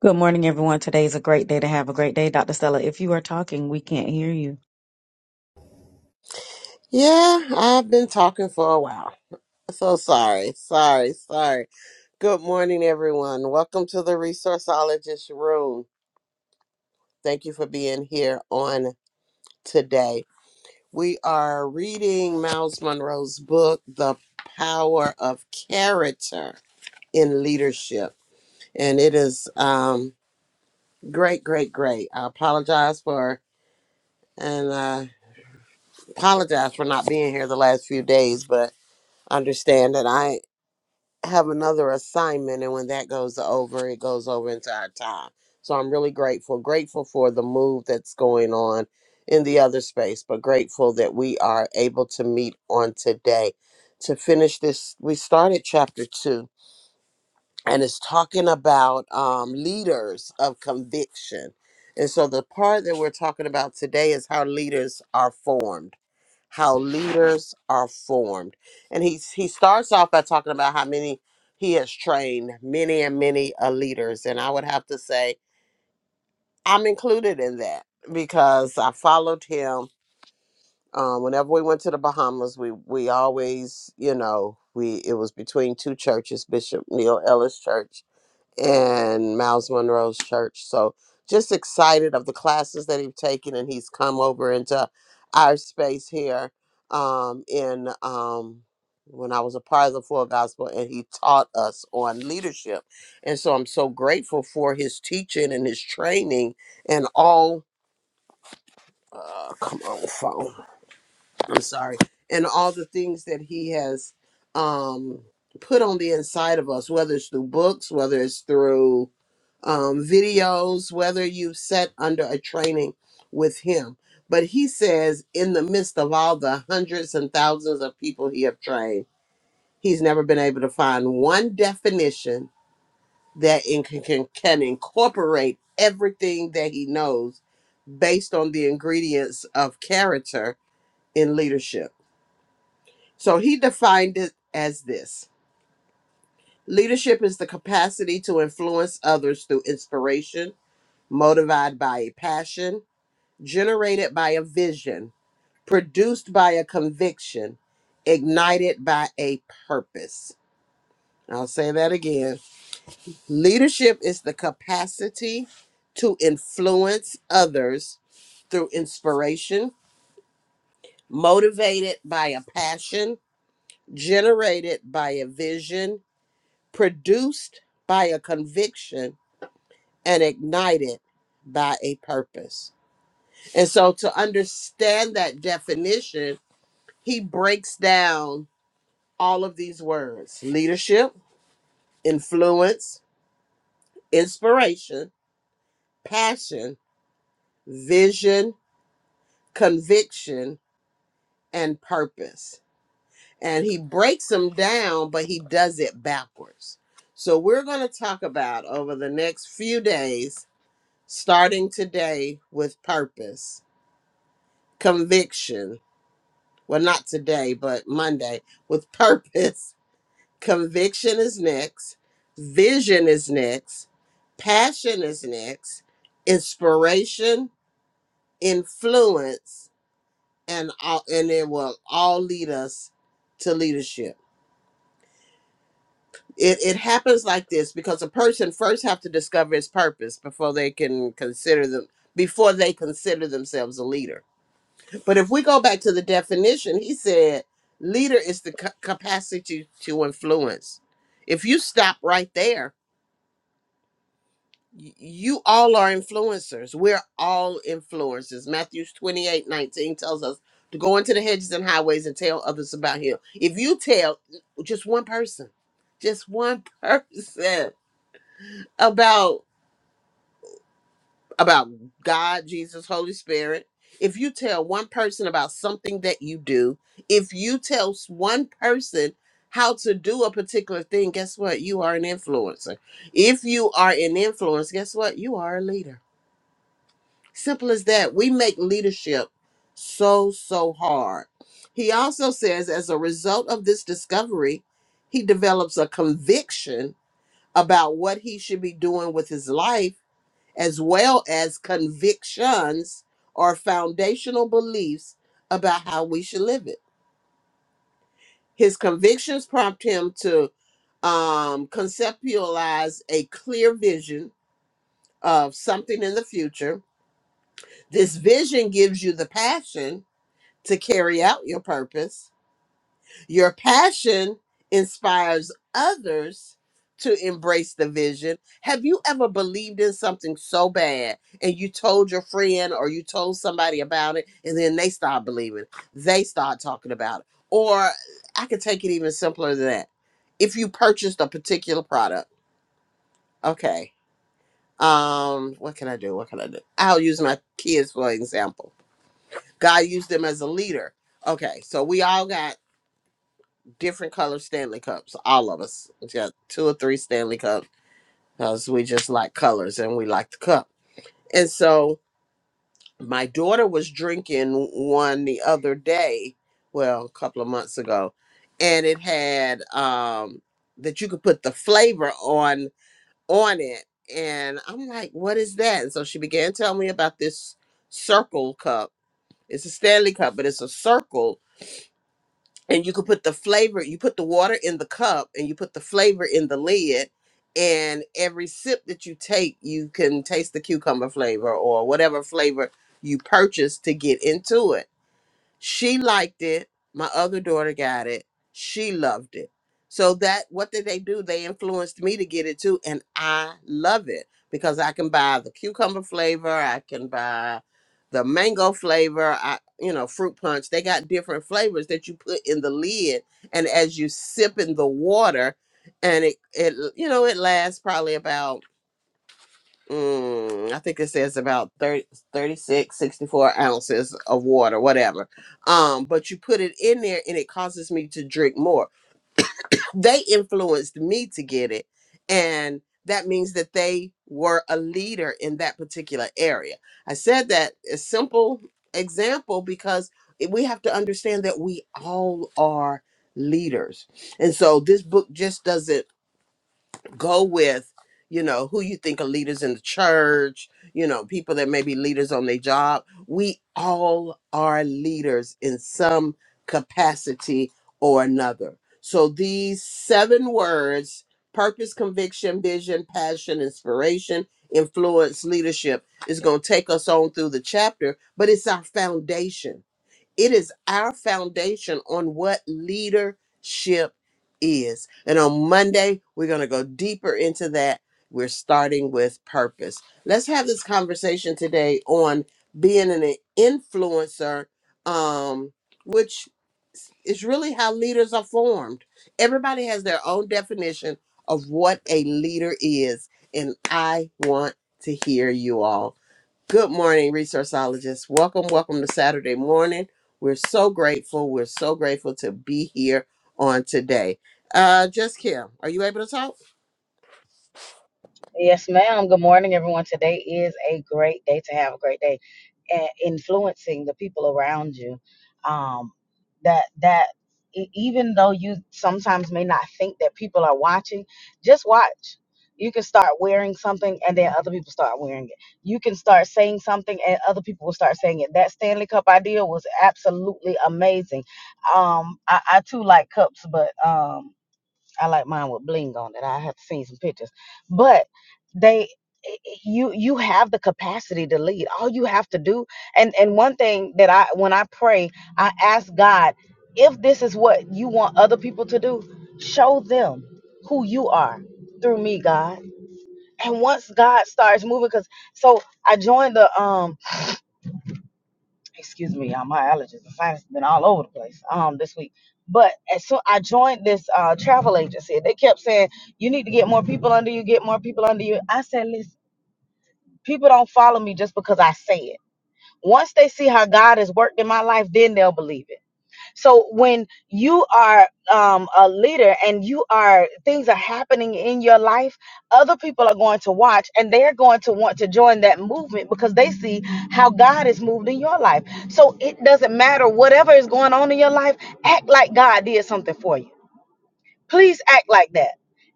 Good morning, everyone. Today is a great day to have a great day. Dr. Stella, if you are talking, we can't hear you. Yeah, I've been talking for a while. So sorry, sorry, sorry. Good morning, everyone. Welcome to the Resourceologist Room. Thank you for being here on today. We are reading Miles Monroe's book, The Power of Character in Leadership. And it is um, great, great, great. I apologize for and uh, apologize for not being here the last few days, but understand that I have another assignment and when that goes over it goes over into our time so i'm really grateful grateful for the move that's going on in the other space but grateful that we are able to meet on today to finish this we started chapter two and it's talking about um, leaders of conviction and so the part that we're talking about today is how leaders are formed how leaders are formed. And he's he starts off by talking about how many he has trained many and many uh, leaders. And I would have to say I'm included in that because I followed him. Um, whenever we went to the Bahamas, we we always, you know, we it was between two churches, Bishop Neil Ellis Church and Miles Monroe's church. So just excited of the classes that he's taken and he's come over into our space here um, in um, when I was a part of the Full Gospel and he taught us on leadership. And so I'm so grateful for his teaching and his training and all. Uh, come on, phone. I'm sorry, and all the things that he has um, put on the inside of us, whether it's through books, whether it's through um, videos, whether you sat under a training with him. But he says, in the midst of all the hundreds and thousands of people he have trained, he's never been able to find one definition that in, can, can can incorporate everything that he knows based on the ingredients of character in leadership so he defined it as this leadership is the capacity to influence others through inspiration, motivated by a passion, generated by a vision, produced by a conviction, ignited by a purpose. I'll say that again. Leadership is the capacity to influence others through inspiration, motivated by a passion, generated by a vision, produced by a conviction and ignited by a purpose. And so to understand that definition, he breaks down all of these words leadership, influence, inspiration, passion, vision, conviction, and purpose. And he breaks them down, but he does it backwards. So we're going to talk about over the next few days starting today with purpose, conviction. Well, not today, but Monday with purpose. Conviction is next. Vision is next. Passion is next. Inspiration, influence, and all, and it will all lead us to leadership. It, it happens like this because a person first have to discover his purpose before they can consider them before they consider themselves a leader But if we go back to the definition, he said leader is the ca- capacity to influence. If you stop right there, y- you all are influencers. We're all influencers. Matthew 28 19 tells us to go into the hedges and highways and tell others about him. If you tell just one person, just one person about about God, Jesus, Holy Spirit, if you tell one person about something that you do, if you tell s- one person how to do a particular thing, guess what? You are an influencer. If you are an influence, guess what? You are a leader. Simple as that. We make leadership so, so hard. He also says, as a result of this discovery, he develops a conviction about what he should be doing with his life as well as convictions or foundational beliefs about how we should live it. His convictions prompt him to um, conceptualize a clear vision of something in the future. This vision gives you the passion to carry out your purpose Your passion inspires others to embrace the vision. Have you ever believed in something so bad and you told your friend or you told somebody about it and then they start believing? They start talking about it. Or I could take it even simpler than that. If you purchased a particular product, okay. Um, what can I do? What can I do? I'll use my kids for example. God used them as a leader. Okay, so we all got different color Stanley cups. All of us we got two or three Stanley cups because we just like colors and we like the cup. And so my daughter was drinking one the other day, well, a couple of months ago, and it had um that you could put the flavor on on it. And I'm like, what is that? And so she began telling me about this circle cup. It's a Stanley cup, but it's a circle and you could put the flavor you put the water in the cup and you put the flavor in the lid and every sip that you take you can taste the cucumber flavor or whatever flavor you purchase to get into it she liked it. My other daughter got it. She loved it. So that what did they do? They influenced me to get it too, and I love it because I can buy the cucumber flavor. I can buy the mango flavor. I you know fruit punch. They got different flavors that you put in the lid, and as you sip in the water, and it it you know it lasts probably about mm, I think it says about 30, 36, 64 ounces of water, whatever. Um, but you put it in there and it causes me to drink more. They influenced me to get it. And that means that they were a leader in that particular area. I said that a simple example because it- we have to understand that we all are leaders. And so this book just doesn't go with you know who you think are leaders in the church you know people that may be leaders on their job we all are leaders in some capacity or another so these seven words purpose conviction vision passion inspiration influence leadership is going to take us on through the chapter but it's our foundation it is our foundation on what leadership is. And on Monday, we're going to go deeper into that. We're starting with purpose. Let's have this conversation today on being an influencer, um, which is really how leaders are formed. Everybody has their own definition of what a leader is. And I want to hear you all. Good morning, resourceologists. Welcome, welcome to Saturday morning. We're so grateful. We're so grateful to be here on today. Uh, just Kim, are you able to talk? Yes, ma'am. Good morning, everyone. Today is a great day to have a great day, and influencing the people around you. Um, that that e- even though you sometimes may not think that people are watching, just watch. You can start wearing something, and then other people start wearing it. You can start saying something, and other people will start saying it. That Stanley Cup idea was absolutely amazing. Um, I, I too like cups, but um. I like mine with bling on it. I have seen some pictures, but they you you have the capacity to lead. All you have to do, and and one thing that I when I pray, I ask God if this is what you want other people to do, show them who you are through me, God. And once God starts moving, because so I joined the um excuse me, uh, my allergies, the sinus been all over the place um this week. But as so I joined this uh travel agency, they kept saying you need to get more people under you, get more people under you. I said, listen, people don't follow me just because I say it. Once they see how God has worked in my life, then they'll believe it. So when you are um, a leader and you are things are happening in your life, other people are going to watch and they're going to want to join that movement because they see how God is moved in your life. So it doesn't matter whatever is going on in your life. Act like God did something for you Please act like that.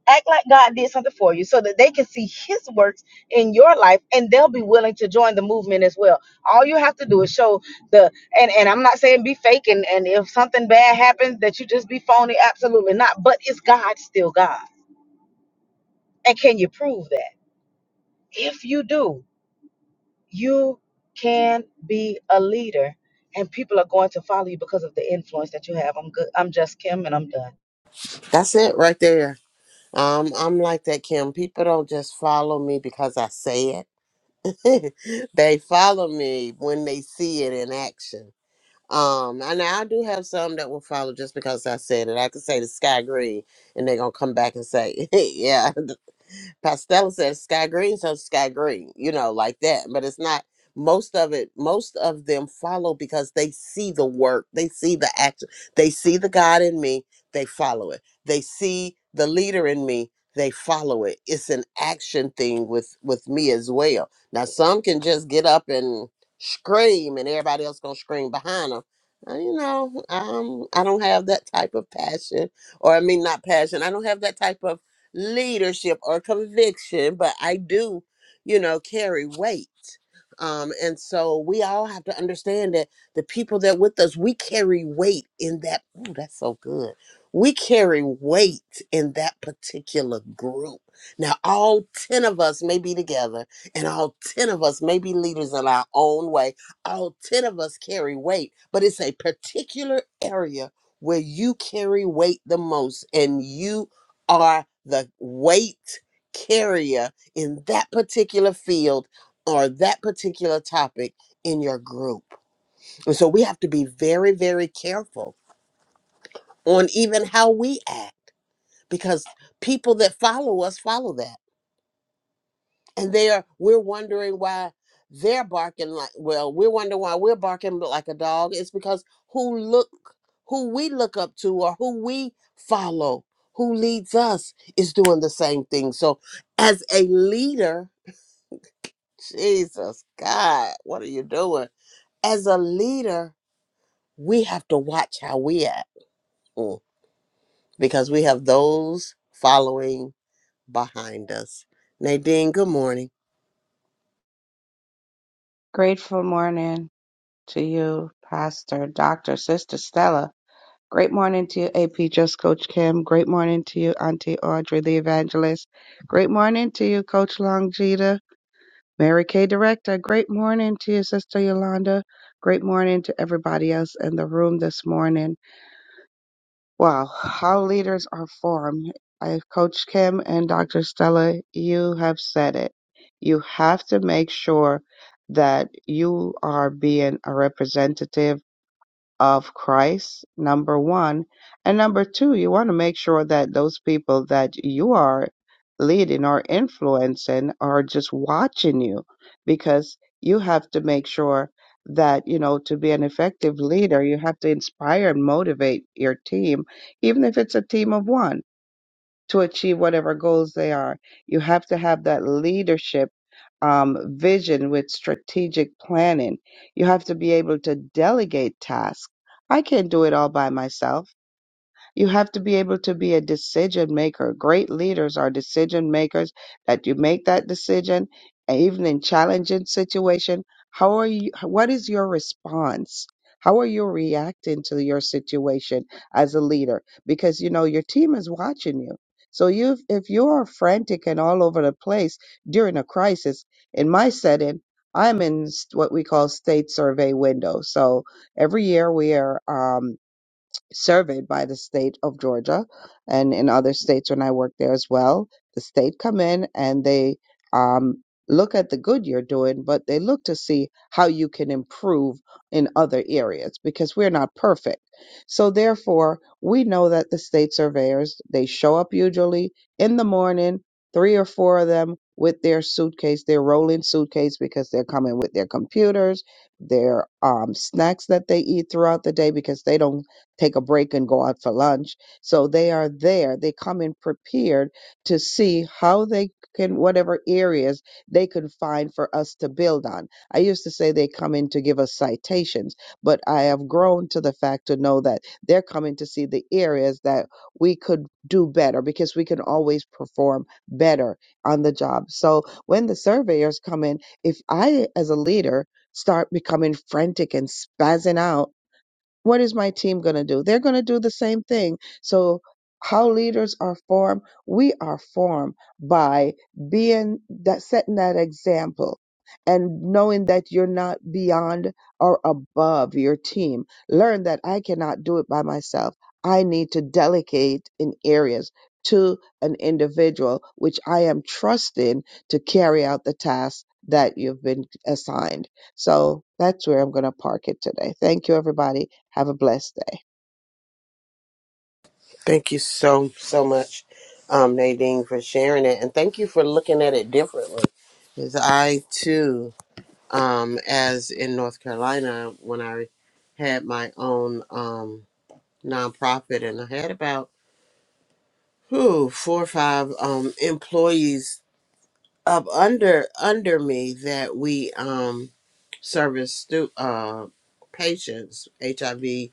Act like God did something for you so that they can see his works in your life and they'll be willing to join the movement as well. All you have to do is show the and, and I'm not saying be fake and, and if something bad happens that you just be phony, absolutely not. But it's God still God. And can you prove that? If you do, you can be a leader and people are going to follow you because of the influence that you have. I'm good. I'm just Kim and I'm done. That's it right there. Um, I'm like that, Kim. People don't just follow me because I say it. they follow me when they see it in action. Um, and I do have some that will follow just because I said it. I could say the sky green, and they're gonna come back and say, "Yeah." Pastella says sky green, so sky green, you know, like that. But it's not most of it, most of them follow because they see the work, they see the action, they see the God in me, they follow it. They see the leader in me, they follow it. It's an action thing with with me as well. Now some can just get up and scream and everybody else gonna scream behind them. You know, um, I don't have that type of passion, or I mean, not passion. I don't have that type of leadership or conviction, but I do, you know, carry weight. Um, and so we all have to understand that the people that with us, we carry weight in that. Ooh, that's so good. We carry weight in that particular group. Now, all 10 of us may be together, and all 10 of us may be leaders in our own way. All 10 of us carry weight, but it's a particular area where you carry weight the most and you are the weight carrier in that particular field or that particular topic in your group. And so we have to be very, very careful on even how we act because people that follow us follow that. and they are we're wondering why they're barking like well we're wondering why we're barking like a dog it's because who look who we look up to or who we follow who leads us is doing the same thing so as a leader jesus god what are you doing as a leader we have to watch how we act mm, because we have those following behind us nadine good morning Grateful morning to you, Pastor, Doctor, Sister Stella. Great morning to you, AP Just Coach Kim. Great morning to you, Auntie Audrey, the evangelist. Great morning to you, Coach Longita, Mary Kay Director. Great morning to you, Sister Yolanda. Great morning to everybody else in the room this morning. Wow, how leaders are formed. I've coached Kim and Dr. Stella. You have said it. You have to make sure that you are being a representative of Christ, number one. And number two, you want to make sure that those people that you are leading or influencing are just watching you because you have to make sure that, you know, to be an effective leader, you have to inspire and motivate your team, even if it's a team of one to achieve whatever goals they are. You have to have that leadership um, vision with strategic planning. You have to be able to delegate tasks. I can't do it all by myself. You have to be able to be a decision maker. Great leaders are decision makers that you make that decision, and even in challenging situation. How are you, what is your response? How are you reacting to your situation as a leader? Because you know, your team is watching you. So you, if you are frantic and all over the place during a crisis, in my setting, I'm in s- what we call state survey window. So every year we are, um, surveyed by the state of Georgia and in other states when I work there as well. The state come in and they um, look at the good you're doing, but they look to see how you can improve in other areas because we're not perfect. So therefore, we know that the state surveyors, they show up usually in the morning, three or four of them with their suitcase, their rolling suitcase because they're coming with their computers, their um, snacks that they eat throughout the day because they don't take a break and go out for lunch. So they are there. They come in prepared to see how they can, whatever areas they can find for us to build on. I used to say they come in to give us citations, but I have grown to the fact to know that they're coming to see the areas that we could do better because we can always perform better on the job. So when the surveyors come in, if I, as a leader, start becoming frantic and spazzing out, what is my team going to do? They're going to do the same thing. So, how leaders are formed, we are formed by being that setting that example and knowing that you're not beyond or above your team. Learn that I cannot do it by myself. I need to delegate in areas to an individual which I am trusting to carry out the task that you've been assigned. So that's where I'm going to park it today. Thank you, everybody. Have a blessed day. Thank you so, so much, um, Nadine, for sharing it. And thank you for looking at it differently. Because I, too, um, as in North Carolina, when I had my own um, nonprofit and I had about whew, four or five um, employees up under under me that we um, service stu- uh, patients, HIV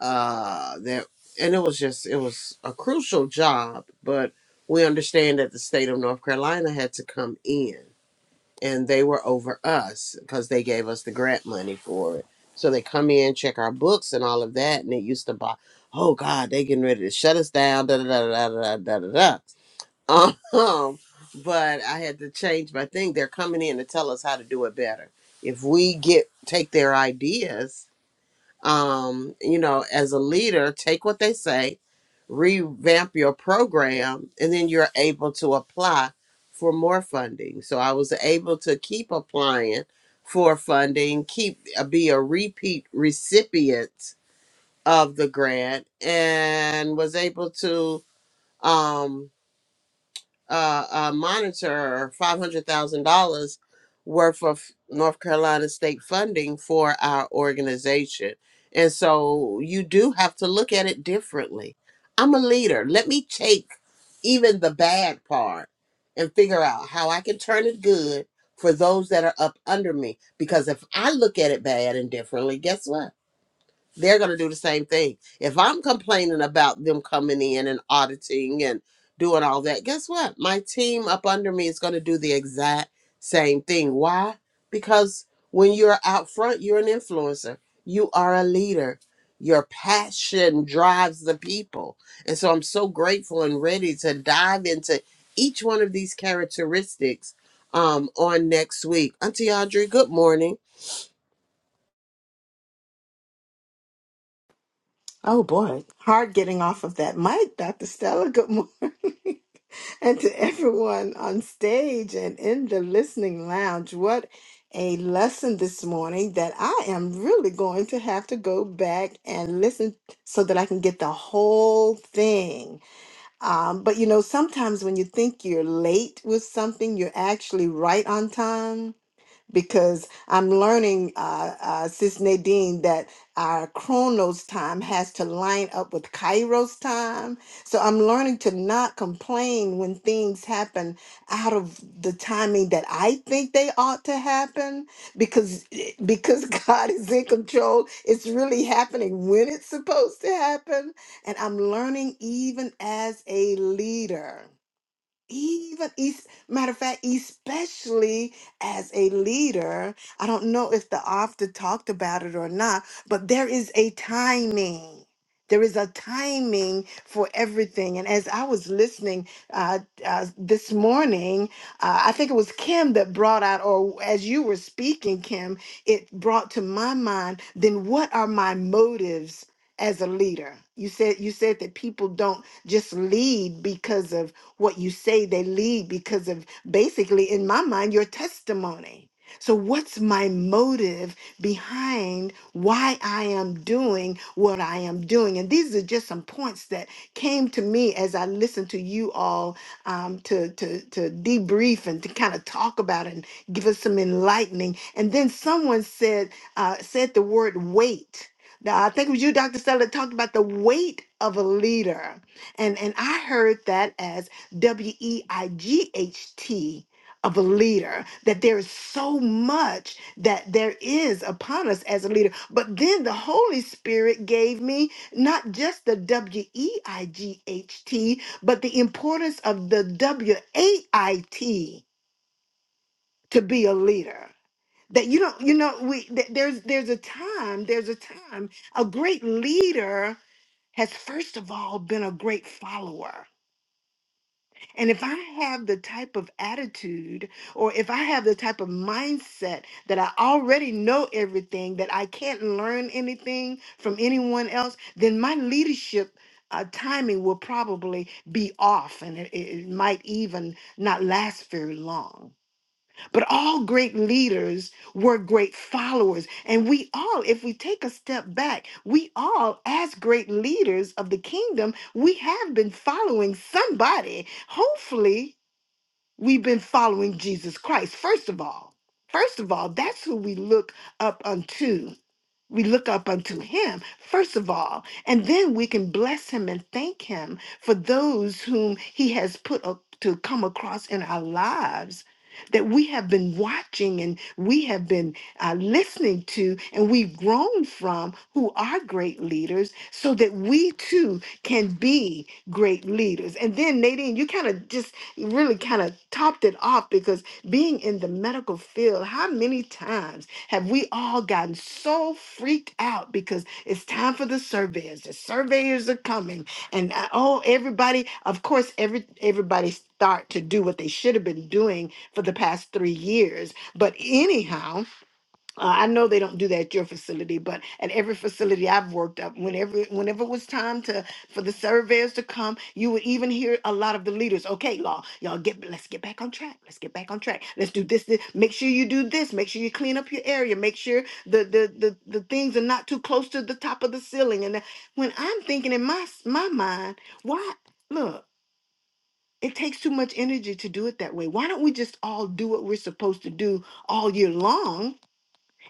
uh that and it was just it was a crucial job but we understand that the state of north carolina had to come in and they were over us because they gave us the grant money for it so they come in check our books and all of that and it used to buy oh god they getting ready to shut us down da da da da da da da da da. um but i had to change my thing they're coming in to tell us how to do it better if we get take their ideas um, you know, as a leader, take what they say, revamp your program, and then you're able to apply for more funding. So I was able to keep applying for funding, keep uh, be a repeat recipient of the grant, and was able to um, uh, uh, monitor five hundred thousand dollars worth of North Carolina state funding for our organization, and so you do have to look at it differently. I'm a leader. Let me take even the bad part and figure out how I can turn it good for those that are up under me. Because if I look at it bad and differently, guess what? they're going to do the same thing. If I'm complaining about them coming in and auditing and doing all that, guess what? My team up under me is going to do the exact same thing. Why? Because when you're out front, you're an influencer, you are a leader. Your passion drives the people. And so I'm so grateful and ready to dive into each one of these characteristics um, on next week. Auntie Audrey, good morning. Oh boy, hard getting off of that mic, Dr. Stella. Good morning. And to everyone on stage and in the listening lounge, what a lesson this morning that I am really going to have to go back and listen so that I can get the whole thing. Um, but you know, sometimes when you think you're late with something, you're actually right on time because I'm learning, uh, uh, Sis Nadine, that our Chronos time has to line up with Kairos time. So I'm learning to not complain when things happen out of the timing that I think they ought to happen, because because God is in control. It's really happening when it's supposed to happen, and I'm learning even as a leader even es- matter of fact especially as a leader i don't know if the author talked about it or not but there is a timing there is a timing for everything and as i was listening uh, uh, this morning uh, i think it was kim that brought out or as you were speaking kim it brought to my mind then what are my motives as a leader you said you said that people don't just lead because of what you say they lead because of basically in my mind your testimony so what's my motive behind why i am doing what i am doing and these are just some points that came to me as i listened to you all um, to, to to debrief and to kind of talk about and give us some enlightening and then someone said uh, said the word weight now, I think it was you, Dr. Stella, talked about the weight of a leader. And, and I heard that as W E I G H T of a leader, that there is so much that there is upon us as a leader. But then the Holy Spirit gave me not just the W E I G H T, but the importance of the W A I T to be a leader. That you don't, you know, we th- there's there's a time, there's a time, a great leader has first of all been a great follower and if I have the type of attitude or if I have the type of mindset that I already know everything, that I can't learn anything from anyone else, then my leadership uh, timing will probably be off and it, it it might even not last very long. But all great leaders were great followers. And we all, if we take a step back, we all, as great leaders of the kingdom, we have been following somebody. Hopefully, we've been following Jesus Christ, first of all. First of all, that's who we look up unto we look up unto him first of all and then we can bless him and thank him for those whom he has put up to come across in our lives that we have been watching and we have been uh, listening to and we've grown from who are great leaders so that we too can be great leaders and then nadine you kind of just really kind of topped it off because being in the medical field, how many times have we all gotten so freaked out because it's time for the surveyors? The surveyors are coming, and uh, oh, everybody, of course, every everybody start to do what they should have been doing for the past three years. But anyhow, uh, I know they don't do that at your facility, but at every facility I've worked at, whenever whenever it was time to for the surveyors to come, you would even hear a lot of the leaders, "Okay, law, y'all get let's get back on track. Let's get back on track. Let's do this. this. Make sure you do this. Make sure you clean up your area. Make sure the the the, the things are not too close to the top of the ceiling." And that- when I'm thinking in my s- my mind, why look. It takes too much energy to do it that way. Why don't we just all do what we're supposed to do all year long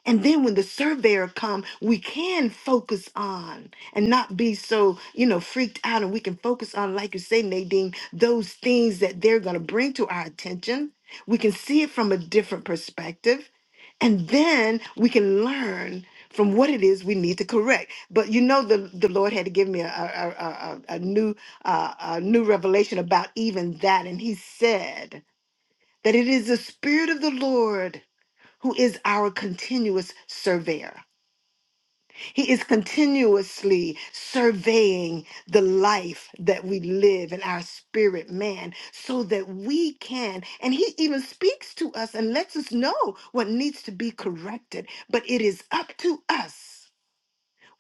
and then when the surveyor come, we can focus on and not be so, you know, freaked out. And we can focus on, like you say, Nadine, those things that they're going to bring to our attention. We can see it from a different perspective. And then we can learn from what it is we need to correct. But you know, the, the Lord had to give me a, a, a, a a new uh, a new revelation about even that. And he said that it is the spirit of the Lord who is our continuous surveyor. He is continuously surveying the life that we live in our spirit man so that we can, and he even speaks to us and lets us know what needs to be corrected. But it is up to us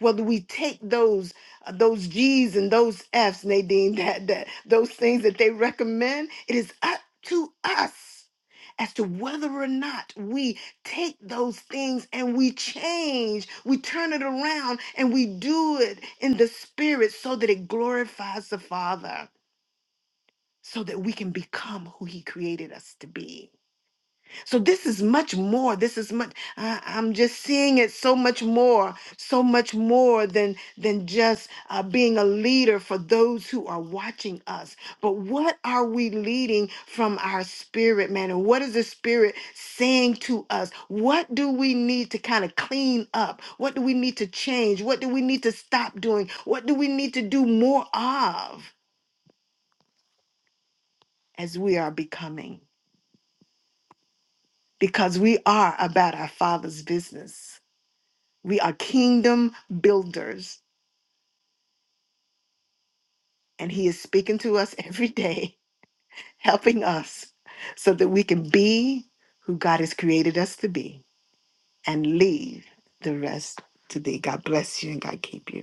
whether we take those uh, those G's and those F's, Nadine, that that those things that they recommend, it is up to us as to whether or not we take those things and we change, we turn it around and we do it in the spirit so that it glorifies the Father, so that we can become who He created us to be. So this is much more. This is much. I, I'm just seeing it so much more, so much more than than just uh, being a leader for those who are watching us. But what are we leading from our spirit, man? And what is the spirit saying to us? What do we need to kind of clean up? What do we need to change? What do we need to stop doing? What do we need to do more of as we are becoming? Because we are about our Father's business. We are kingdom builders, and He is speaking to us every day, helping us so that we can be who God has created us to be and leave the rest to Thee. God bless you and God keep you.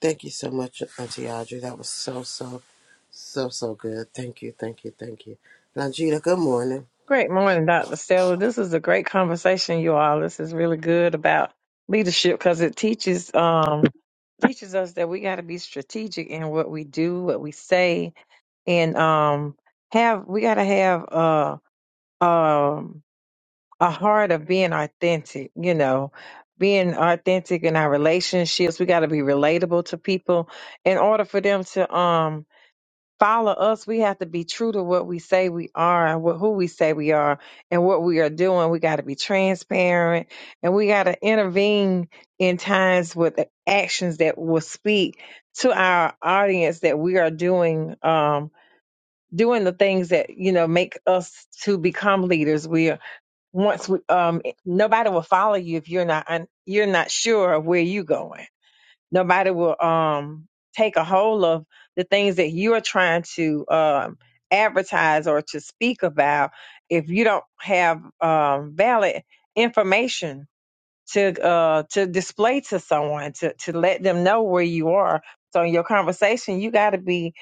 Thank you so much, Auntie Audrey. That was so, so, so, so good. Thank you, thank you, thank you. Longita, good morning. Great morning, Dr. Stella. This is a great conversation, you all. This is really good about leadership because it teaches um teaches us that we got to be strategic in what we do, what we say, and um have we got to have uh um a heart of being authentic, you know, being authentic in our relationships. We got to be relatable to people in order for them to um follow us, we have to be true to what we say we are and what, who we say we are and what we are doing. We got to be transparent and we got to intervene in times with the actions that will speak to our audience that we are doing, um, doing the things that, you know, make us to become leaders. We are, once we, um, nobody will follow you if you're not, un- you're not sure of where you're going nobody will um take a hold of the things that you're trying to um advertise or to speak about if you don't have um valid information to uh to display to someone to to let them know where you are so in your conversation you got to be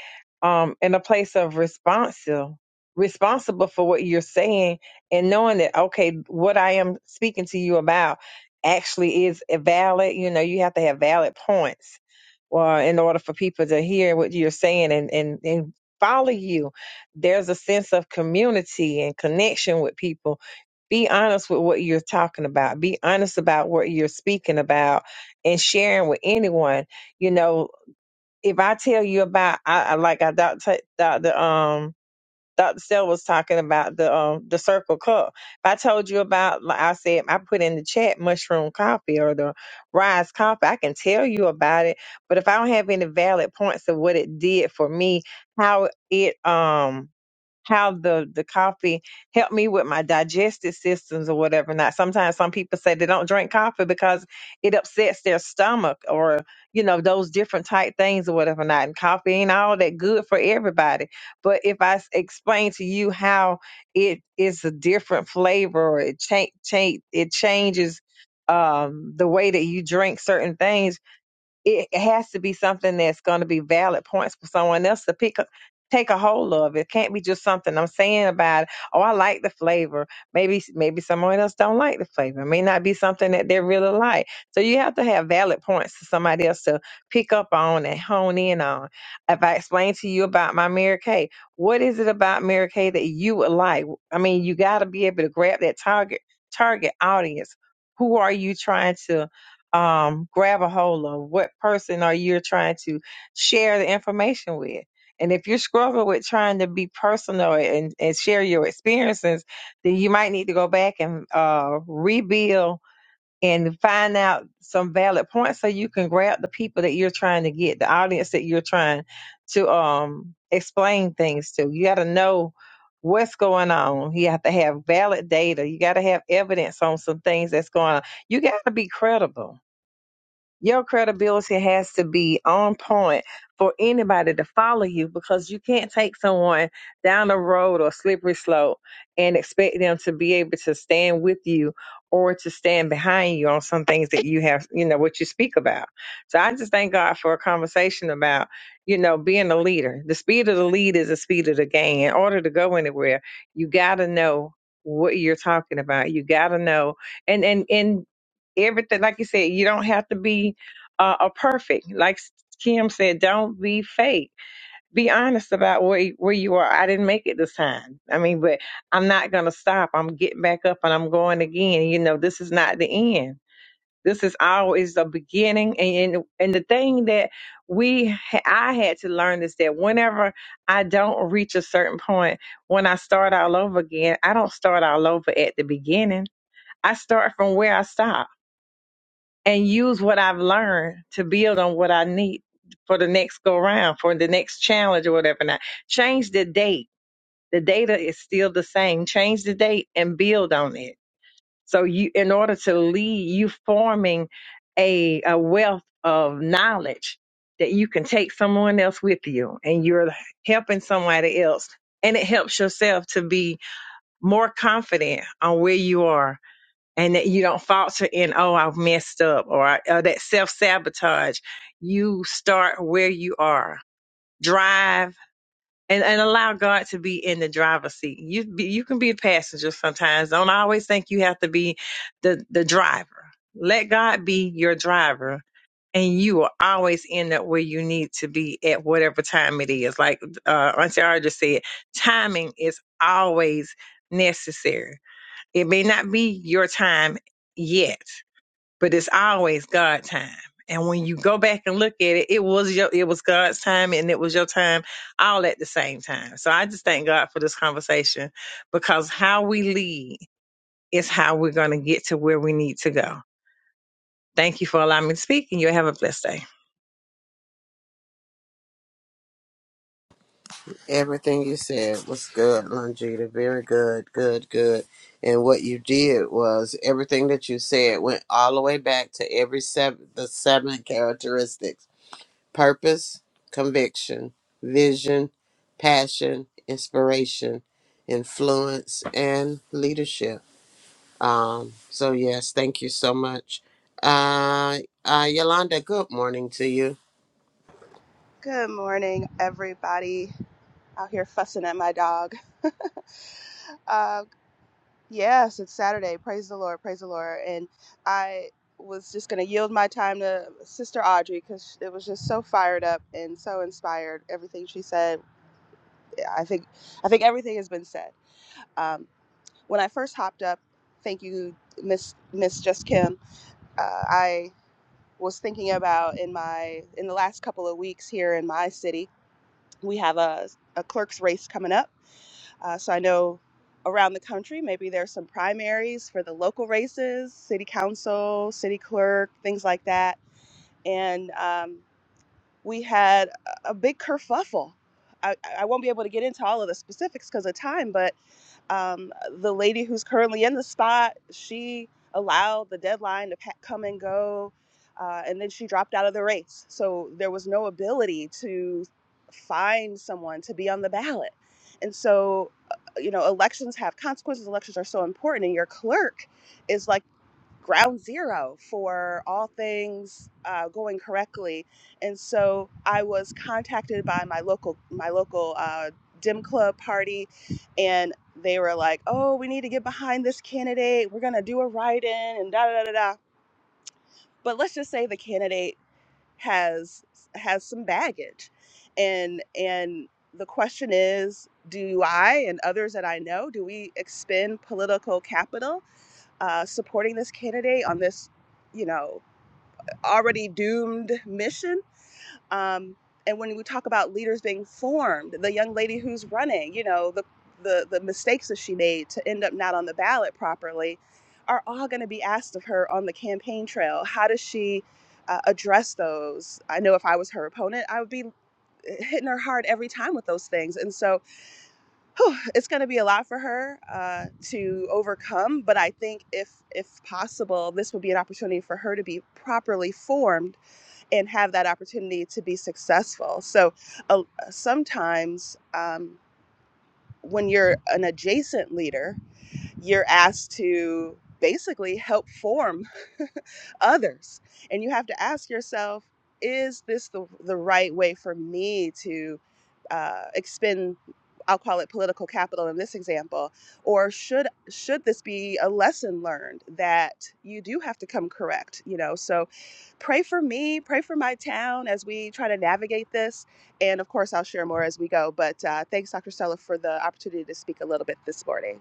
um in a place of responsive responsible for what you're saying and knowing that okay what i am speaking to you about actually is valid you know you have to have valid points uh, in order for people to hear what you're saying and and and follow you there's a sense of community and connection with people be honest with what you're talking about. Be honest about what you're speaking about and sharing with anyone. You know, if I tell you about, I, I like I Dr. Dr. Um, Dr. Stell was talking about the um, the circle cup. If I told you about, like I said, I put in the chat mushroom coffee or the rise coffee. I can tell you about it, but if I don't have any valid points of what it did for me, how it um how the the coffee helped me with my digestive systems or whatever not sometimes some people say they don't drink coffee because it upsets their stomach or you know those different type things or whatever not and coffee ain't all that good for everybody but if i s- explain to you how it is a different flavor or it change change it changes um the way that you drink certain things it has to be something that's going to be valid points for someone else to pick up take a hold of it can't be just something i'm saying about oh i like the flavor maybe maybe someone else don't like the flavor it may not be something that they really like so you have to have valid points for somebody else to pick up on and hone in on if i explain to you about my mary kay what is it about mary kay that you would like i mean you got to be able to grab that target target audience who are you trying to um, grab a hold of? What person are you trying to share the information with? And if you're struggling with trying to be personal and, and share your experiences, then you might need to go back and uh, rebuild and find out some valid points so you can grab the people that you're trying to get, the audience that you're trying to um, explain things to. You got to know what's going on. You have to have valid data. You got to have evidence on some things that's going on. You got to be credible your credibility has to be on point for anybody to follow you because you can't take someone down a road or slippery slope and expect them to be able to stand with you or to stand behind you on some things that you have, you know, what you speak about. So I just thank God for a conversation about, you know, being a leader. The speed of the lead is the speed of the game. In order to go anywhere, you got to know what you're talking about. You got to know. And and and everything like you said you don't have to be uh, a perfect like kim said don't be fake be honest about where where you are i didn't make it this time i mean but i'm not going to stop i'm getting back up and i'm going again you know this is not the end this is always the beginning and and the thing that we ha- i had to learn is that whenever i don't reach a certain point when i start all over again i don't start all over at the beginning i start from where i stopped and use what I've learned to build on what I need for the next go round, for the next challenge or whatever. Now, change the date. The data is still the same. Change the date and build on it. So you, in order to lead, you forming a, a wealth of knowledge that you can take someone else with you, and you're helping somebody else, and it helps yourself to be more confident on where you are and that you don't falter in oh i've messed up or uh, that self-sabotage you start where you are drive and, and allow god to be in the driver's seat you be, you can be a passenger sometimes don't always think you have to be the the driver let god be your driver and you will always end up where you need to be at whatever time it is like uh auntie Ara just said timing is always necessary it may not be your time yet but it's always God time. And when you go back and look at it, it was your it was God's time and it was your time all at the same time. So I just thank God for this conversation because how we lead is how we're going to get to where we need to go. Thank you for allowing me to speak and you have a blessed day. Everything you said was good, Longita. Very good, good, good. And what you did was everything that you said went all the way back to every seven, the seven characteristics: purpose, conviction, vision, passion, inspiration, influence, and leadership Um, so yes, thank you so much. Uh, uh, Yolanda, good morning to you. Good morning, everybody out here fussing at my dog. Uh, yes, it's Saturday. Praise the Lord. Praise the Lord. And I was just going to yield my time to Sister Audrey because it was just so fired up and so inspired. Everything she said, Yeah, I think, I think everything has been said. Um, when I first hopped up, thank you, Miss Miss Just Kim. Uh, I was thinking about in my in the last couple of weeks here in my city, we have a a clerk's race coming up Uh, so I know around the country, maybe there's some primaries for the local races, city council, city clerk, things like that. And um, we had a big kerfuffle. I, I won't be able to get into all of the specifics because of time, but um, the lady who's currently in the spot, she allowed the deadline to come and go, uh, and then she dropped out of the race. So there was no ability to find someone to be on the ballot. And so, uh, you know, elections have consequences. Elections are so important, and your clerk is like ground zero for all things uh, going correctly. And so I was contacted by my local my local uh, dim club party, and they were like, "Oh, we need to get behind this candidate. We're gonna do a write-in and da da da da." da." But let's just say the candidate has has some baggage, and and the question is, do I and others that I know, do we expend political capital? uh, supporting this candidate on this, you know, already doomed mission. Um, and when we talk about leaders being formed, the young lady who's running, you know, the the, the mistakes that she made to end up not on the ballot properly are all going to be asked of her on the campaign trail. How does she uh, address those? I know if I was her opponent, I would be hitting her hard every time with those things. And so whew, it's going to be a lot for her uh, to overcome. But I think if if possible, this would be an opportunity for her to be properly formed and have that opportunity to be successful. So uh, sometimes um, when you're an adjacent leader you're asked to basically help form others. And you have to ask yourself, is this the, the right way for me to uh, expend, I'll call it political capital in this example, or should should this be a lesson learned that you do have to come correct, you know? So pray for me, pray for my town as we try to navigate this. And of course, I'll share more as we go. But uh, thanks, Dr. Stella, for the opportunity to speak a little bit this morning.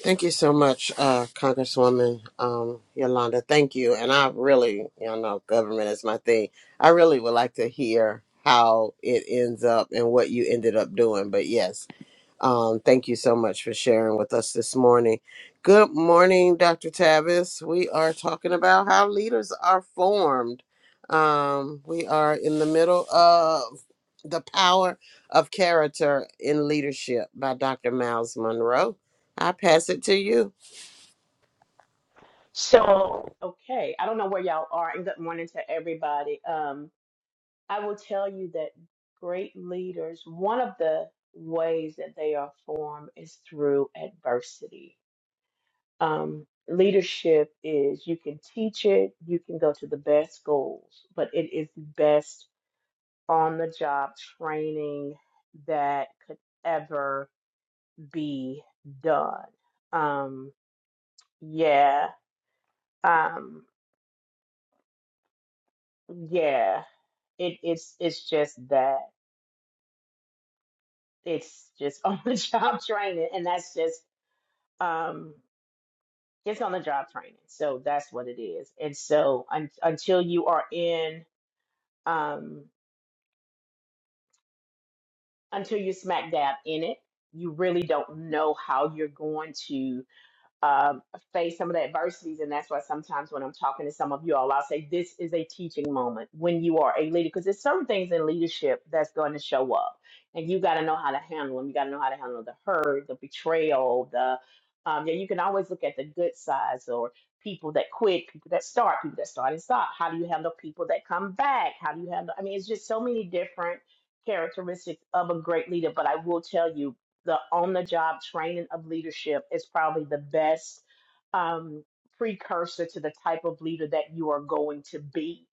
Thank you so much, uh, Congresswoman um, Yolanda. Thank you. And I really, you know, government is my thing. I really would like to hear how it ends up and what you ended up doing. But yes, Um, thank you so much for sharing with us this morning. Good morning, Dr. Tavis. We are talking about how leaders are formed. Um, we are in the middle of The Power of Character in Leadership by Dr. Miles Monroe. I pass it to you. So, okay, I don't know where y'all are, and good morning to everybody. Um, I will tell you that great leaders, one of the ways that they are formed is through adversity. Um, leadership is you can teach it, you can go to the best schools, but it is the best on the job training that could ever be done. Um, yeah, um, yeah. it it's it's just that it's just on the job training and that's just um it's on the job training so that's what it is and so un- until you are in um until you smack dab in it you really don't know how you're going to um, face some of the adversities. And that's why sometimes when I'm talking to some of you all, I'll say, This is a teaching moment when you are a leader, because there's certain things in leadership that's going to show up. And you got to know how to handle them. You got to know how to handle the hurt, the betrayal, the. Um, yeah, you can always look at the good sides or people that quit, people that start, people that start and stop. How do you handle people that come back? How do you handle? I mean, it's just so many different characteristics of a great leader. But I will tell you, the on the job training of leadership is probably the best um, precursor to the type of leader that you are going to be.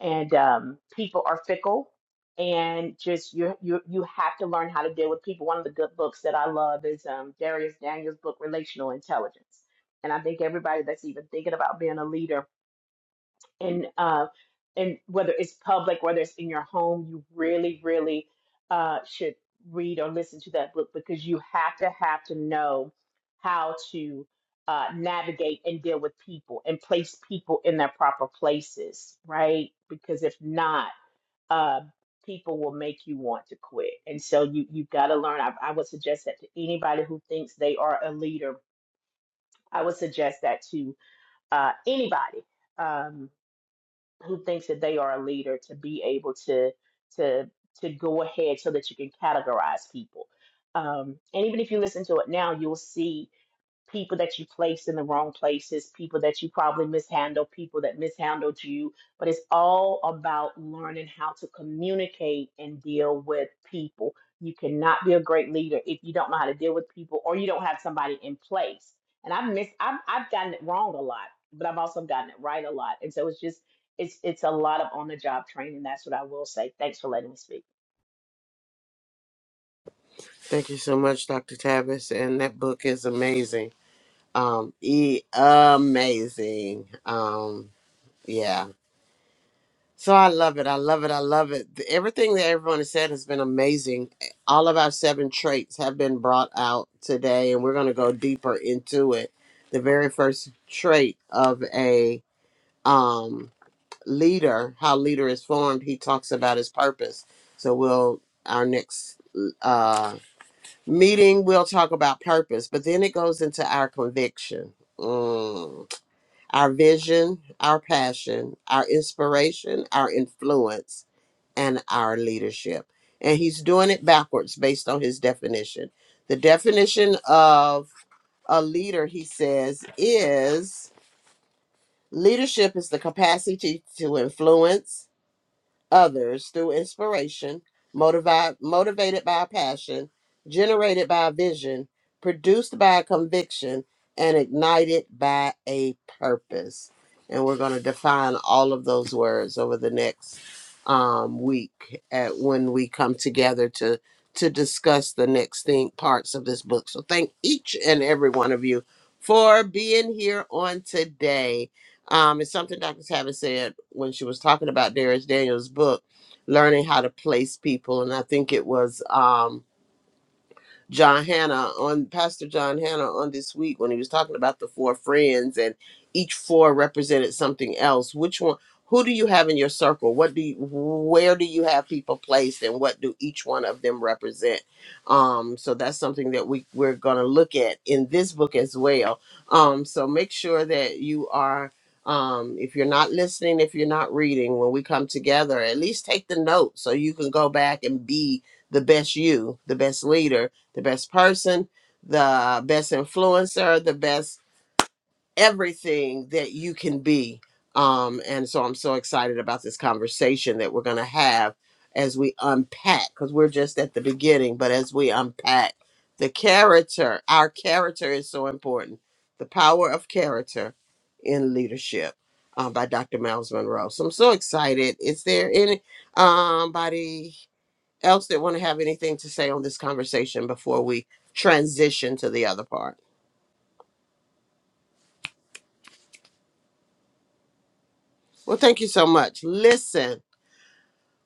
And um, people are fickle, and just you you you have to learn how to deal with people. One of the good books that I love is um, Darius Daniels' book, Relational Intelligence. And I think everybody that's even thinking about being a leader and uh, and whether it's public, whether it's in your home, you really, really uh, should read or listen to that book because you have to have to know how to uh, navigate and deal with people and place people in their proper places, right? Because if not, uh, people will make you want to quit, and so you you've got to learn. I, I would suggest that to anybody who thinks they are a leader. I would suggest that to uh, anybody. Um, who thinks that they are a leader to be able to to to go ahead so that you can categorize people. Um, and even if you listen to it now, you'll see people that you placed in the wrong places, people that you probably mishandled, people that mishandled you. But it's all about learning how to communicate and deal with people. You cannot be a great leader if you don't know how to deal with people or you don't have somebody in place. And I've missed, I've, I've gotten it wrong a lot, but I've also gotten it right a lot. And so it's just, it's, it's a lot of on the job training. That's what I will say. Thanks for letting me speak. Thank you so much, Dr. Tavis. And that book is amazing. Um, e- amazing. Um, yeah. So I love it. I love it. I love it. The- Everything that everyone has said has been amazing. All of our seven traits have been brought out today, and we're going to go deeper into it. The very first trait of a um, leader, how leader is formed, he talks about his purpose. So we'll our next uh, meeting, we'll talk about purpose, but then it goes into our conviction. Mm our vision, our passion, our inspiration, our influence, and our leadership. And he's doing it backwards based on his definition. The definition of a leader, he says, is leadership is the capacity to influence others through inspiration, motivi- motivated by a passion, generated by a vision, produced by a conviction, and ignited by a purpose. And we're going to define all of those words over the next um, week at when we come together to to discuss the next thing parts of this book. So thank each and every one of you for being here on today. Um, it's something Dr. Tavis said when she was talking about Darius Daniels' book, learning how to place people, and I think it was. Um, John Hannah on Pastor John Hannah on this week when he was talking about the four friends and each four represented something else. Which one? Who do you have in your circle? What do you, where do you have people placed, and what do each one of them represent? Um, so that's something that we we're going to look at in this book as well. Um, so make sure that you are. Um, if you're not listening, if you're not reading, when we come together, at least take the notes so you can go back and be the best you, the best leader the best person, the best influencer, the best everything that you can be. Um, and so I'm so excited about this conversation that we're going to have as we unpack, because we're just at the beginning, but as we unpack the character, our character is so important. The Power of Character in Leadership um, by Dr. Miles Monroe. So I'm so excited. Is there anybody else that want to have anything to say on this conversation before we transition to the other part? Well, thank you so much. Listen.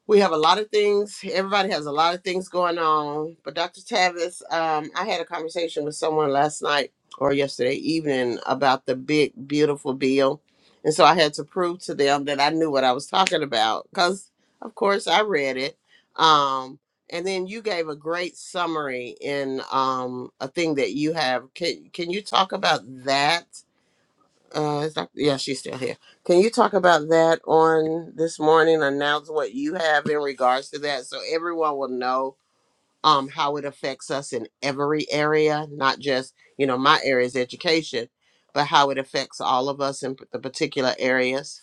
we have a lot of things. Everybody has a lot of things going on. But Dr. Tavis, um, I had a conversation with someone last night or yesterday evening about the big, beautiful bill. And so I had to prove to them that I knew what I was talking about because, of course, I read it. Um, and then you gave a great summary in um, a thing that you have. Can, can you talk about that? Uh, is Dr. Yeah, she's still here. Can you talk about that on this morning? Announce what you have in regards to that, so everyone will know um how it affects us in every area, not just you know my area is education, but how it affects all of us in p- the particular areas.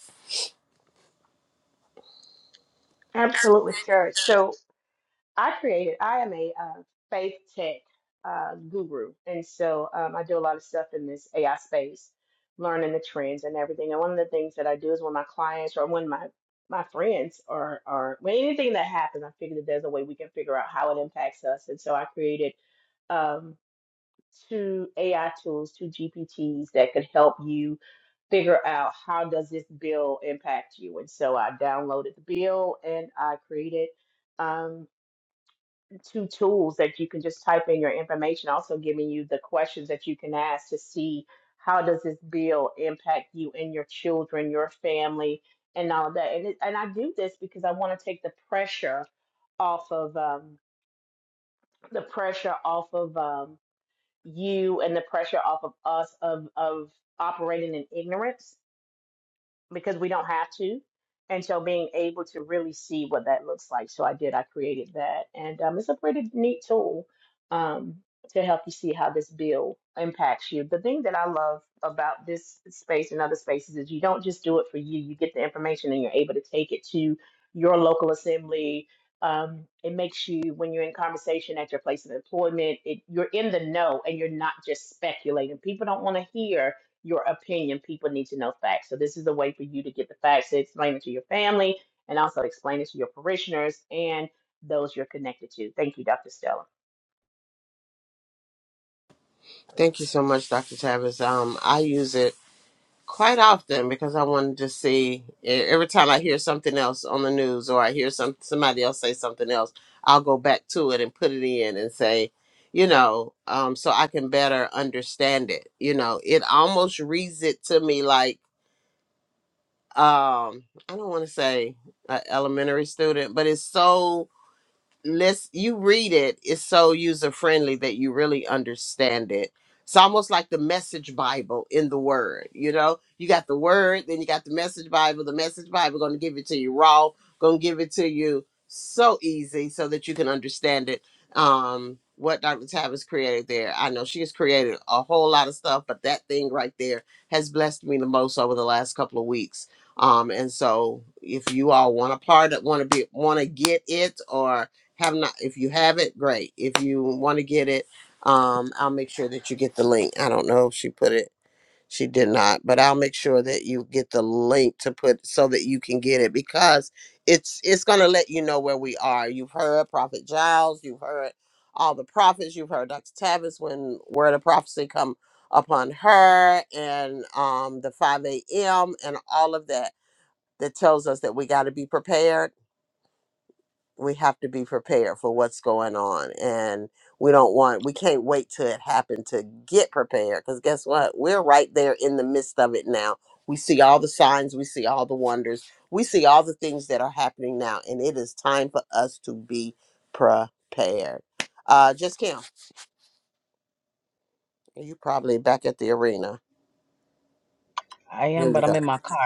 Absolutely, sure. So I created, I am a uh, faith tech uh, guru. And so um, I do a lot of stuff in this AI space, learning the trends and everything. And one of the things that I do is when my clients or when my my friends or or when anything that happens, I figure that there's a way we can figure out how it impacts us. And so I created um, two AI tools, two GPTs that could help you figure out how does this bill impact you. And so I downloaded the bill and I created um, two tools that you can just type in your information, also giving you the questions that you can ask to see how does this bill impact you and your children, your family, and all of that. And it, and I do this because I want to take the pressure off of um, the pressure off of um, you and the pressure off of us of of operating in ignorance because we don't have to. And so being able to really see what that looks like. So I did, I created that. And um, it's a pretty neat tool um, to help you see how this bill impacts you. The thing that I love about this space and other spaces is you don't just do it for you, you get the information and you're able to take it to your local assembly. Um, it makes you, when you're in conversation at your place of employment, it, you're in the know and you're not just speculating. People don't want to hear your opinion. People need to know facts. So this is a way for you to get the facts to explain it to your family and also explain it to your parishioners and those you're connected to. Thank you, Dr. Stella. Thank you so much, Dr. Tavis. Um, I use it quite often because I wanted to see e- every time I hear something else on the news or I hear some somebody else say something else, I'll go back to it and put it in and say, you know, um, so I can better understand it. You know, it almost reads it to me like um, I don't want to say an elementary student, but it's so let's you read it is so user friendly that you really understand it it's almost like the message bible in the word you know you got the word then you got the message bible the message bible going to give it to you raw going to give it to you so easy so that you can understand it um what dr tab has created there i know she has created a whole lot of stuff but that thing right there has blessed me the most over the last couple of weeks um and so if you all want to part want to be want to get it or have not if you have it great if you want to get it um i'll make sure that you get the link i don't know if she put it she did not but i'll make sure that you get the link to put so that you can get it because it's it's going to let you know where we are you've heard prophet giles you've heard all the prophets you've heard dr tavis when word of prophecy come upon her and um the 5 a.m and all of that that tells us that we got to be prepared we have to be prepared for what's going on and we don't want we can't wait till it happened to get prepared because guess what we're right there in the midst of it now we see all the signs we see all the wonders we see all the things that are happening now and it is time for us to be prepared uh just kim you probably back at the arena I am, here but you go I'm in my car.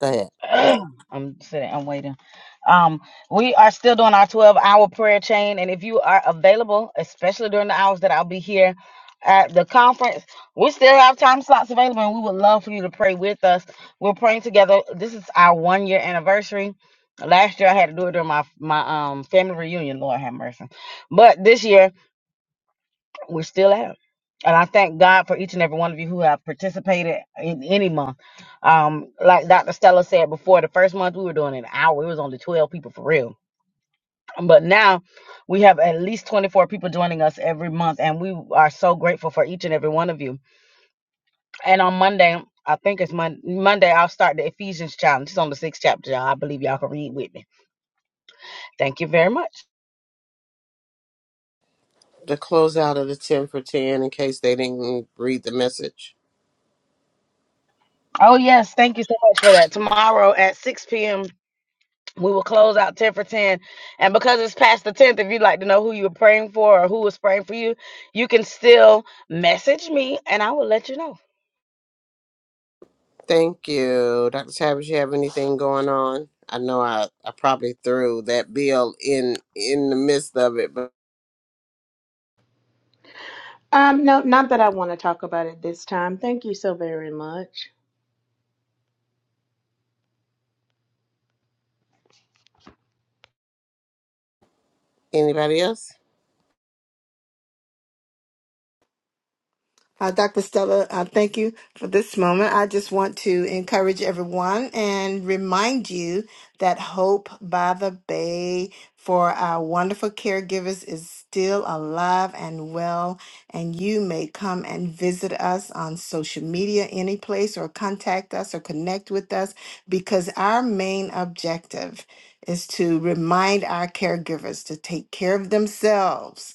go ahead I'm sitting, I'm waiting. Um, we are still doing our 12 hour prayer chain. And if you are available, especially during the hours that I'll be here at the conference, we still have time slots available and we would love for you to pray with us. We're praying together. This is our one year anniversary. Last year I had to do it during my my um family reunion, Lord have mercy. But this year we're still at them. And I thank God for each and every one of you who have participated in any month. Um, like Dr. Stella said before, the first month we were doing an hour. It was only 12 people for real. But now we have at least 24 people joining us every month. And we are so grateful for each and every one of you. And on Monday, I think it's Mon- Monday, I'll start the Ephesians challenge. It's on the sixth chapter, y'all. I believe y'all can read with me. Thank you very much. the closeout of the 10 for 10 in case they didn't read the message Oh, yes. Thank you so much for that. Tomorrow at 6 p.m. We will close out 10 for 10. And because it's past the 10th, if you'd like to know who you were praying for or who was praying for you, you can still message me and I will let you know. Thank you. Dr. Tavis, you have anything going on? I know I, I probably threw that bill in in the midst of it, but Um, no, not that I want to talk about it this time. Thank you so very much. anybody else? Uh, Dr. Stella, uh, thank you for this moment. I just want to encourage everyone and remind you that Hope by the Bay for our wonderful caregivers is still alive and well. And you may come and visit us on social media, any place, or contact us or connect with us because our main objective is to remind our caregivers to take care of themselves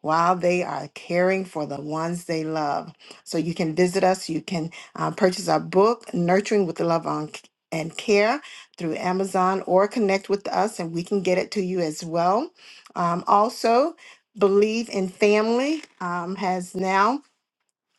while they are caring for the ones they love. So you can visit us. You can uh, purchase our book, Nurturing with Love on and Care, through Amazon or connect with us and we can get it to you as well. Um, also, Believe in Family um, has now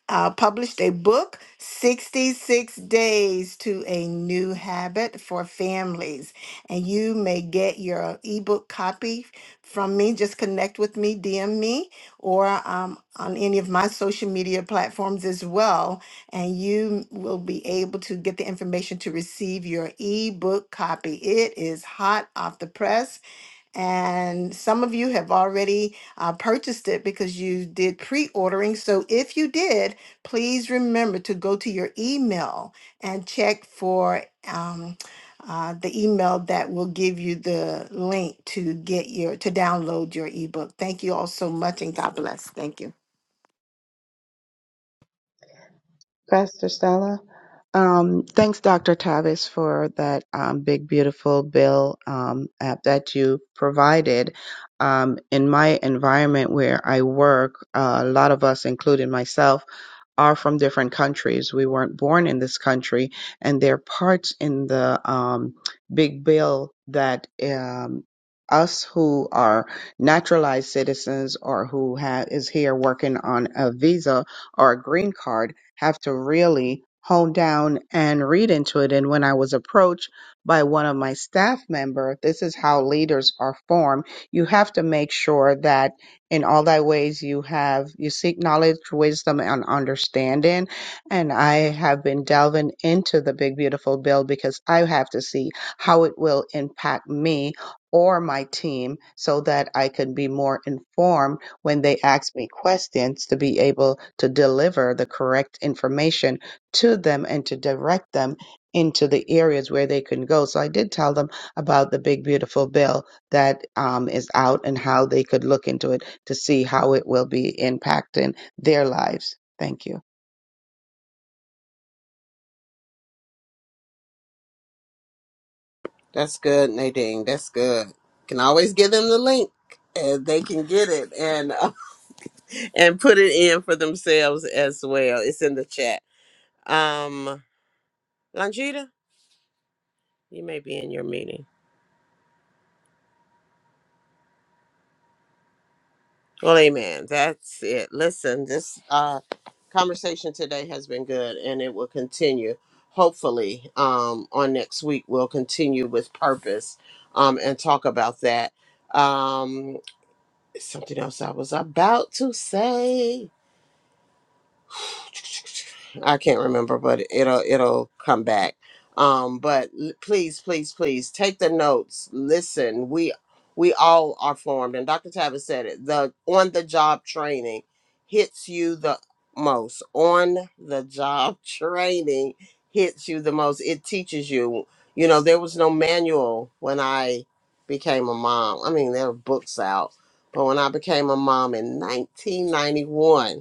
uh, published a book, 66 Days to a New Habit for Families. And you may get your ebook copy from me. Just connect with me, DM me, or um, on any of my social media platforms as well. And you will be able to get the information to receive your ebook copy. It is hot off the press and some of you have already uh, purchased it because you did pre ordering. So if you did, please remember to go to your email and check for um, uh, the email that will give you the link to get your to download your ebook. Thank you all so much and God bless. Thank you. Pastor Stella. Um, thanks, Dr. Tavis, for that um, big, beautiful bill um, app that you provided. Um, in my environment where I work, uh, a lot of us, including myself, are from different countries. We weren't born in this country, and there are parts in the um, big bill that um, us who are naturalized citizens or who ha- is here working on a visa or a green card have to really hone down and read into it. And when I was approached by one of my staff member, this is how leaders are formed. You have to make sure that in all thy ways you have you seek knowledge wisdom and understanding and i have been delving into the big beautiful bill because i have to see how it will impact me or my team so that i can be more informed when they ask me questions to be able to deliver the correct information to them and to direct them into the areas where they can go so i did tell them about the big beautiful bill that um, is out and how they could look into it to see how it will be impacting their lives. Thank you. That's good, Nadine. That's good. Can always give them the link and they can get it and and put it in for themselves as well. It's in the chat. Um Longita, you may be in your meeting. Well, amen. That's it. Listen, this uh, conversation today has been good and it will continue. Hopefully, um, on next week, we'll continue with purpose um, and talk about that. Um, something else I was about to say. I can't remember, but it'll it'll come back. Um, but l- please, please, please take the notes. Listen, we we all are formed, and Dr. Tavis said it. The on the job training hits you the most. On the job training hits you the most. It teaches you. You know, there was no manual when I became a mom. I mean, there were books out, but when I became a mom in 1991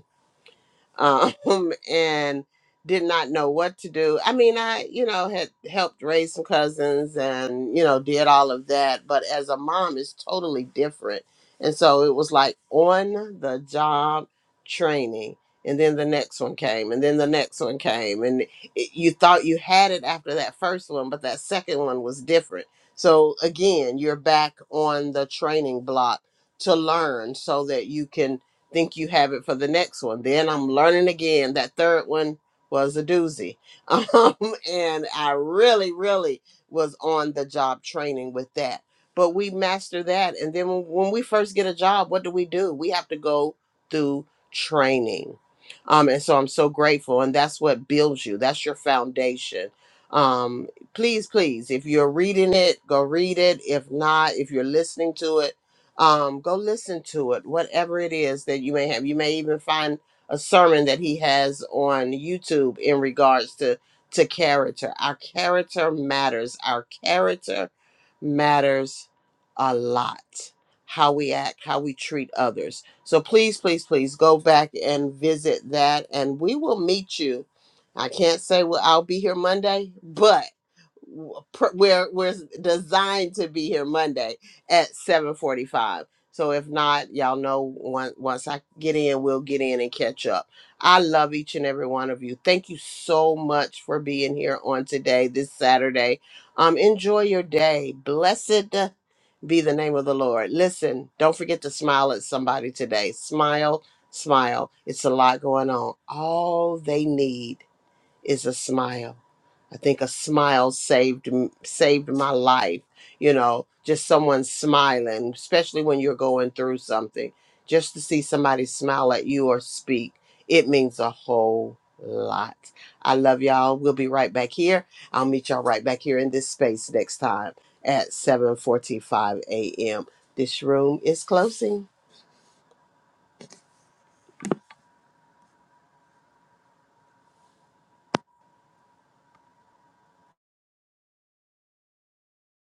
um, and did not know what to do. I mean, I, you know, had helped raise some cousins and, you know, did all of that. But as a mom, it's totally different. And so it was like on the job training. And then the next one came, and then the next one came. And it, you thought you had it after that first one, but that second one was different. So again, you're back on the training block to learn so that you can think you have it for the next one. Then I'm learning again. That third one was a doozy. Um, and I really, really was on the job training with that. But we master that. And then when when we first get a job, what do we do? We have to go through training. Um, and so I'm so grateful. And that's what builds you, that's your foundation. Um, please, please, if you're reading it, go read it. If not, if you're listening to it, um, go listen to it, whatever it is that you may have. You may even find a sermon that he has on YouTube in regards to to character. Our character matters. Our character matters a lot. How we act, how we treat others. So please, please, please go back and visit that, and we will meet you. I can't say well, I'll be here Monday, but w- pr- we're we're designed to be here Monday at 7:45. So if not, y'all know once once I get in, we'll get in and catch up. I love each and every one of you. Thank you so much for being here on today, this Saturday. Um, enjoy your day. Blessed be the name of the Lord. Listen, don't forget to smile at somebody today. Smile, smile. It's a lot going on. All they need is a smile. I think a smile saved m- saved my life. You know, just someone smiling, especially when you're going through something, just to see somebody smile at you or speak, it means a whole lot. I love y'all. We'll be right back here. I'll meet y'all right back here in this space next time at 7:45 a.m. This room is closing.